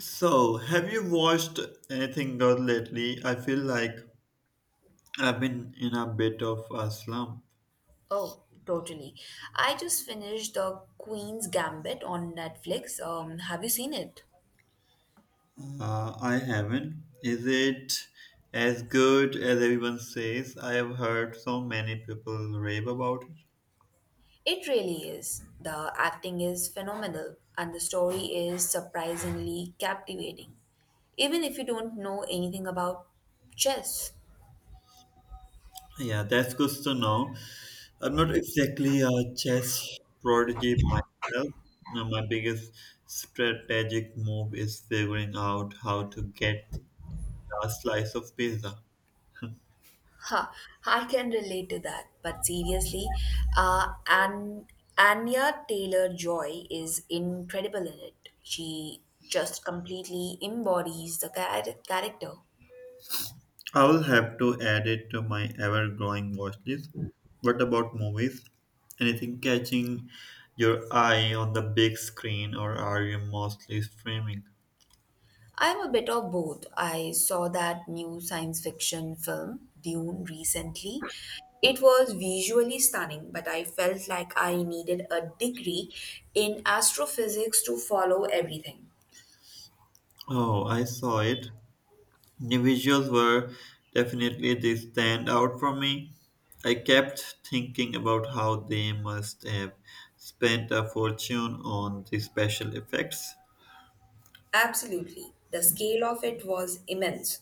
So, have you watched anything good lately? I feel like I've been in a bit of a slump. Oh, totally. I just finished The Queen's Gambit on Netflix. Have you seen it? I haven't. Is it as good as everyone says? I have heard so many people rave about it. It really is. The acting is phenomenal and the story is surprisingly captivating. Even if you don't know anything about chess. Yeah, that's good to know. I'm not exactly a chess prodigy myself. Now, my biggest strategic move is figuring out how to get the last slice of pizza. Ha, I can relate to that. But seriously, uh, An- Anya Taylor-Joy is incredible in it. She just completely embodies the character. I will have to add it to my ever-growing watch list. What about movies? Anything catching your eye on the big screen, or are you mostly streaming? I'm a bit of both. I saw that new science fiction film, Dune, recently. It was visually stunning, but I felt like I needed a degree in astrophysics to follow everything. Oh, I saw it. The visuals were definitely the standout for me. I kept thinking about how they must have spent a fortune on the special effects. Absolutely. The scale of it was immense.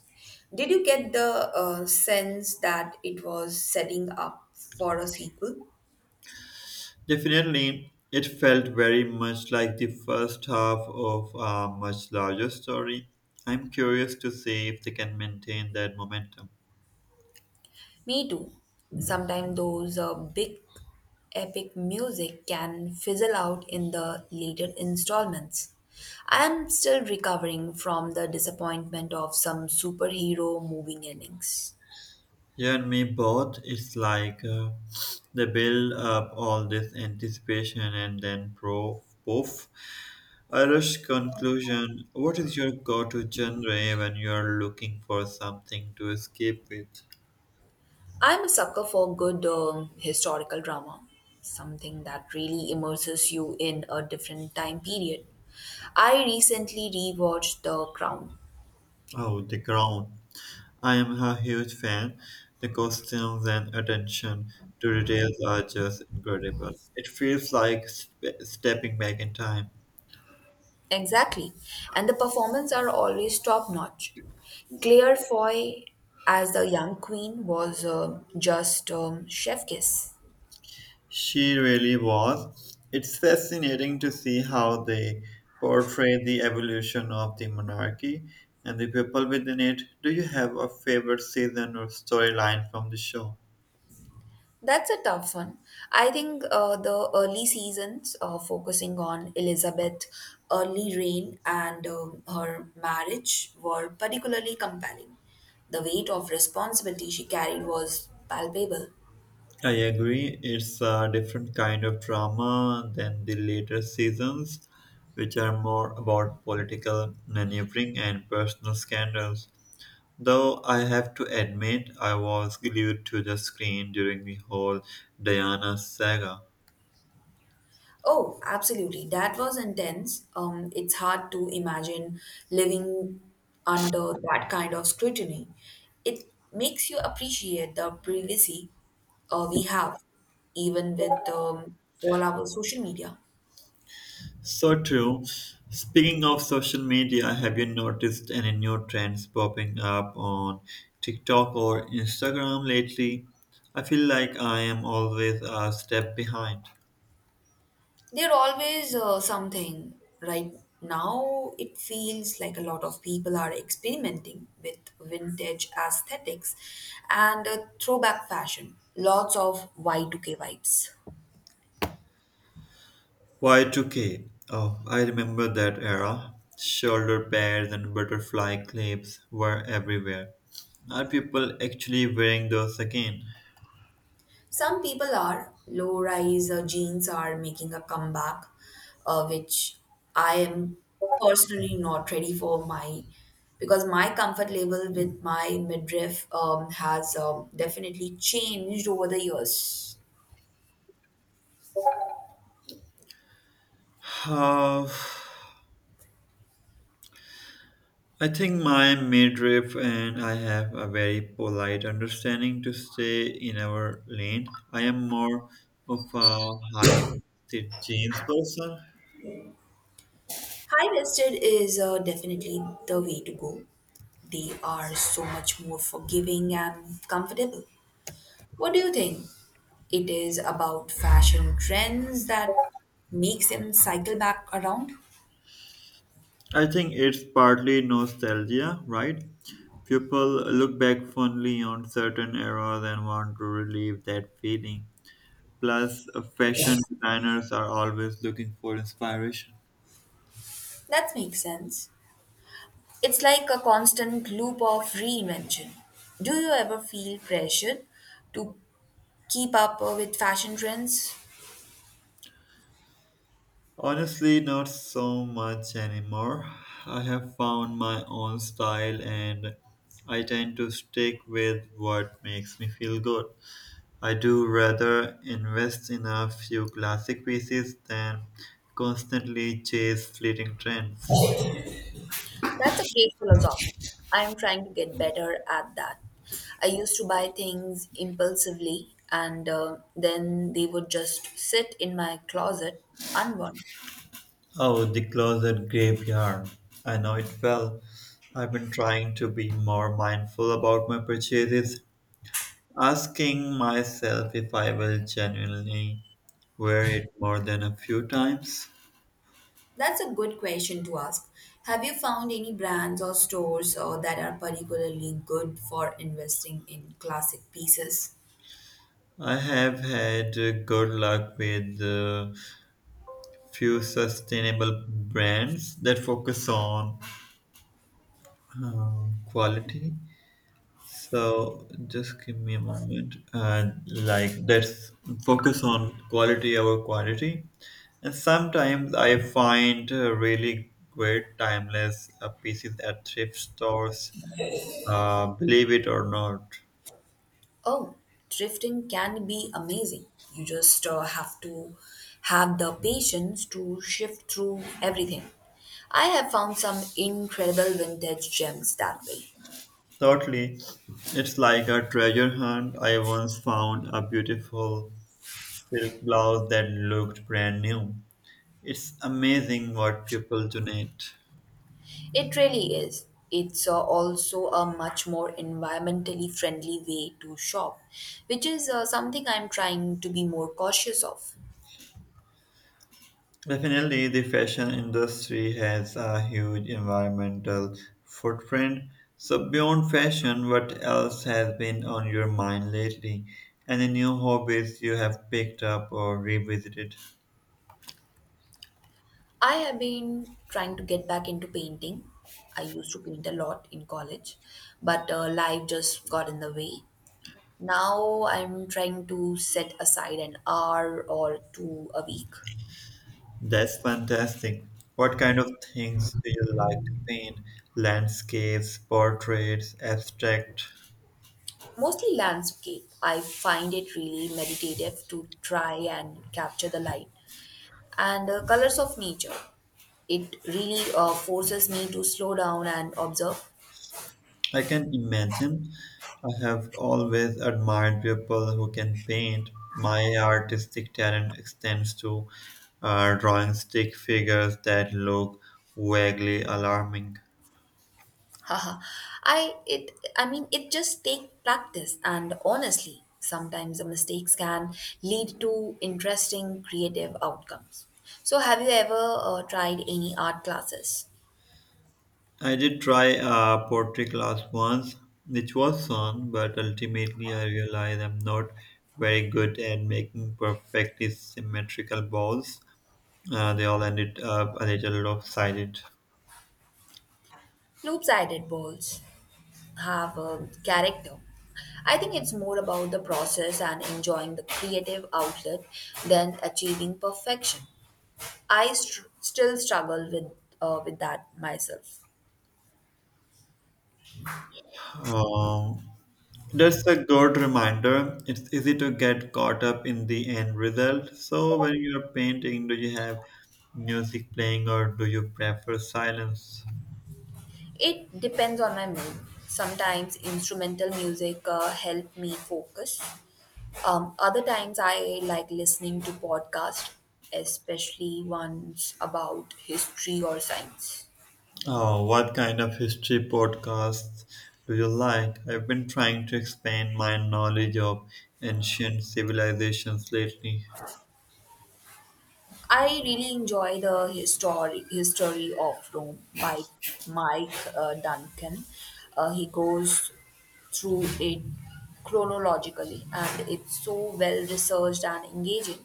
Did you get the sense that it was setting up for a sequel? Definitely, it felt very much like the first half of a much larger story. I'm curious to see if they can maintain that momentum. Me too. Sometimes those big epic music can fizzle out in the later installments. I am still recovering from the disappointment of some superhero moving endings. You and me both. It's like they build up all this anticipation and then pro poof. A rush conclusion. What is your go to genre when you are looking for something to escape with? I'm a sucker for good historical drama, something that really immerses you in a different time period. I recently rewatched The Crown. Oh, the Crown. I am a huge fan. The costumes and attention to details are just incredible. It feels like stepping back in time. Exactly. And the performance are always top notch. Claire Foy as the young queen was just chef kiss. She really was. It's fascinating to see how they portray the evolution of the monarchy and the people within it. Do you have a favorite season or storyline from the show? That's a tough one. I think the early seasons focusing on Elizabeth's early reign and her marriage were particularly compelling. The weight of responsibility she carried was palpable. I agree. It's a different kind of drama than the later seasons, which are more about political maneuvering and personal scandals. Though I have to admit, I was glued to the screen during the whole Diana saga. Oh, absolutely. That was intense. It's hard to imagine living under that kind of scrutiny. It makes you appreciate the privacy we have, even with all our social media. So true. Speaking of social media, have you noticed any new trends popping up on TikTok or Instagram lately? I feel like I am always a step behind. There's always something. Right now, it feels like a lot of people are experimenting with vintage aesthetics and throwback fashion. Lots of Y2K vibes. Y2K. Oh, I remember that era. Shoulder pads and butterfly clips were everywhere. Are people actually wearing those again? Some people are. Low rise jeans are making a comeback, which I am personally not ready for my because my comfort level with my midriff has definitely changed over the years. Uh, I think my midriff and I have a very polite understanding to stay in our lane. I am more of a high waisted jeans person. High waisted is definitely the way to go. They are so much more forgiving and comfortable. What do you think? It is about fashion trends that makes them cycle back around. I think it's partly nostalgia, right? People look back fondly on certain eras and want to relieve that feeling. Plus, fashion designers are always looking for inspiration. That makes sense. It's like a constant loop of reinvention. Do you ever feel pressured to keep up with fashion trends? Honestly, not so much anymore. I have found my own style and I tend to stick with what makes me feel good. I do rather invest in a few classic pieces than constantly chase fleeting trends. That's a great philosophy. I'm trying to get better at that. I used to buy things impulsively and then they would just sit in my closet unworn. Oh, the closet graveyard. I know it well. I've been trying to be more mindful about my purchases, asking myself if I will genuinely wear it more than a few times. That's a good question to ask. Have you found any brands or stores that are particularly good for investing in classic pieces? I have had good luck with few sustainable brands that focus on quality. So just give me a moment. And like let's focus on quality over quantity. And sometimes I find really great timeless pieces at thrift stores. Believe it or not. Oh, thrifting can be amazing. You just have to have the patience to shift through everything. I have found some incredible vintage gems that way. Thirdly, it's like a treasure hunt. I once found a beautiful silk blouse that looked brand new. It's amazing what people donate. It really is. It's also a much more environmentally friendly way to shop, which is something I'm trying to be more cautious of. Definitely, the fashion industry has a huge environmental footprint. So, beyond fashion, what else has been on your mind lately? Any new hobbies you have picked up or revisited? I have been trying to get back into painting. I used to paint a lot in college, but life just got in the way. Now I'm trying to set aside an hour or two a week. That's fantastic. What kind of things do you like to paint? Landscapes, portraits, abstract? Mostly landscape. I find it really meditative to try and capture the light and the colors of nature. It really forces me to slow down and observe. I can imagine. I have always admired people who can paint. My artistic talent extends to drawing stick figures that look vaguely alarming. Haha. I it I mean it just takes practice and honestly sometimes the mistakes can lead to interesting creative outcomes. So have you ever tried any art classes? I did try a pottery class once, which was fun, but ultimately I realized I'm not very good at making perfectly symmetrical balls. They all ended up a little lopsided. Loop-sided bowls have a character. I think it's more about the process and enjoying the creative outlet than achieving perfection. Still struggle with with that myself. Um, That's a good reminder. It's easy to get caught up in the end result. So, when you're painting, do you have music playing or do you prefer silence? It depends on my mood. Sometimes instrumental music help me focus. Other times I like listening to podcasts, especially ones about history or science. Oh, what kind of history podcasts do you like? I've been trying to expand my knowledge of ancient civilizations lately. I really enjoy the history of Rome by Mike Duncan. He goes through it chronologically, and it's so well researched and engaging.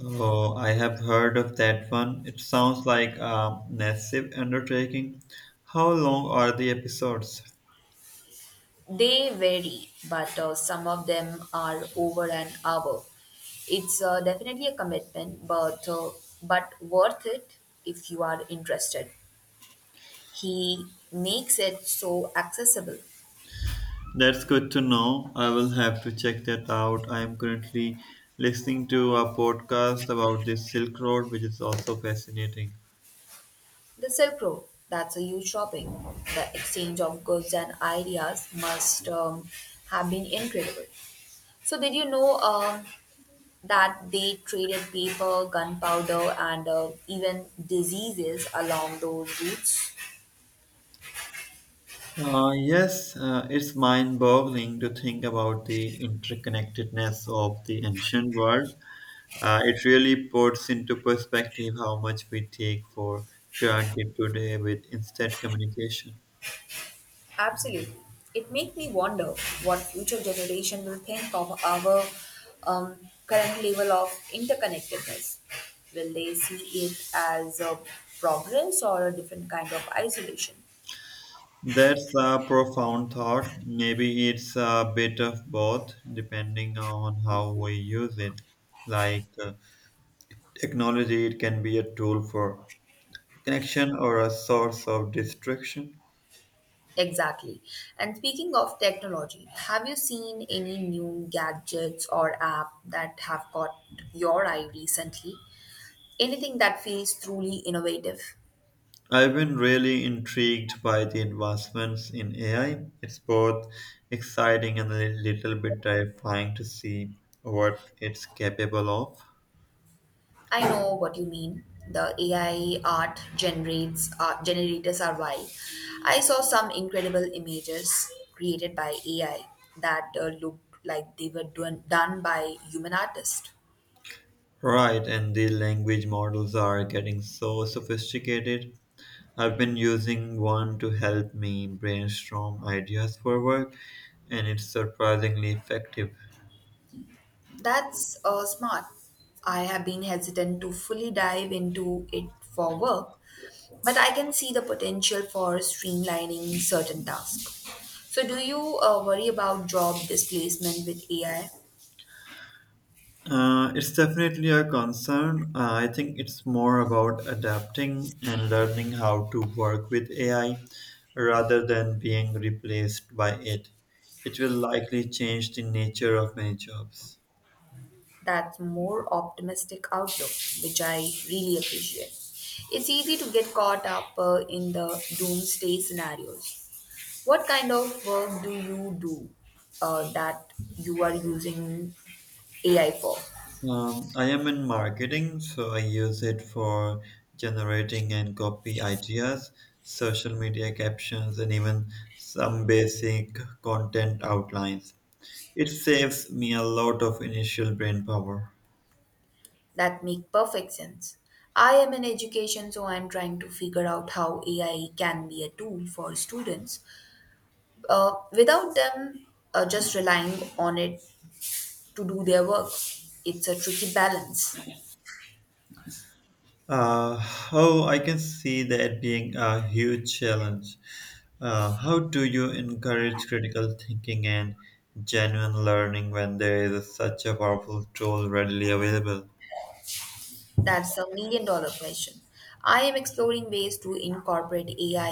Oh, I have heard of that one. It sounds like a massive undertaking. How long are the episodes? They vary, but some of them are over an hour. It's definitely a commitment, but worth it if you are interested. He makes it so accessible. That's good to know. I will have to check that out. I am currently listening to a podcast about the Silk Road, which is also fascinating. The Silk Road, that's a huge shopping. The exchange of goods and ideas must have been incredible. So, did you know that they traded paper, gunpowder, and even diseases along those routes? Yes, it's mind boggling to think about the interconnectedness of the ancient world. It really puts into perspective how much we take for granted today with instant communication. Absolutely. It makes me wonder what future generation will think of our um, current level of interconnectedness. Will they see it as a progress or a different kind of isolation? That's a profound thought. Maybe it's a bit of both, depending on how we use it. Like technology, it can be a tool for connection or a source of distraction. Exactly. And speaking of technology, have you seen any new gadgets or app that have caught your eye recently? Anything that feels truly innovative? I've been really intrigued by the advancements in AI. It's both exciting and a little bit terrifying to see what it's capable of. I know what you mean. The AI art generates generators are wild. I saw some incredible images created by AI that looked like they were done by human artists. Right, and the language models are getting so sophisticated. I've been using one to help me brainstorm ideas for work, and it's surprisingly effective. That's smart. I have been hesitant to fully dive into it for work, but I can see the potential for streamlining certain tasks. So, do you worry about job displacement with AI? It's definitely a concern. I think it's more about adapting and learning how to work with AI rather than being replaced by it. It will likely change the nature of many jobs. That's more optimistic outlook, which I really appreciate. It's easy to get caught up in the doomsday scenarios. What kind of work do you do that you are using AI for? I am in marketing, so I use it for generating and copy ideas, social media captions, and even some basic content outlines. It saves me a lot of initial brain power. That make perfect sense. I am in education, so I'm trying to figure out how AI can be a tool for students without them just relying on it to do their work. It's a tricky balance. Uh, oh, I can see that being a huge challenge. How do you encourage critical thinking and genuine learning when there is such a powerful tool readily available? That's a million dollar question. I am exploring ways to incorporate AI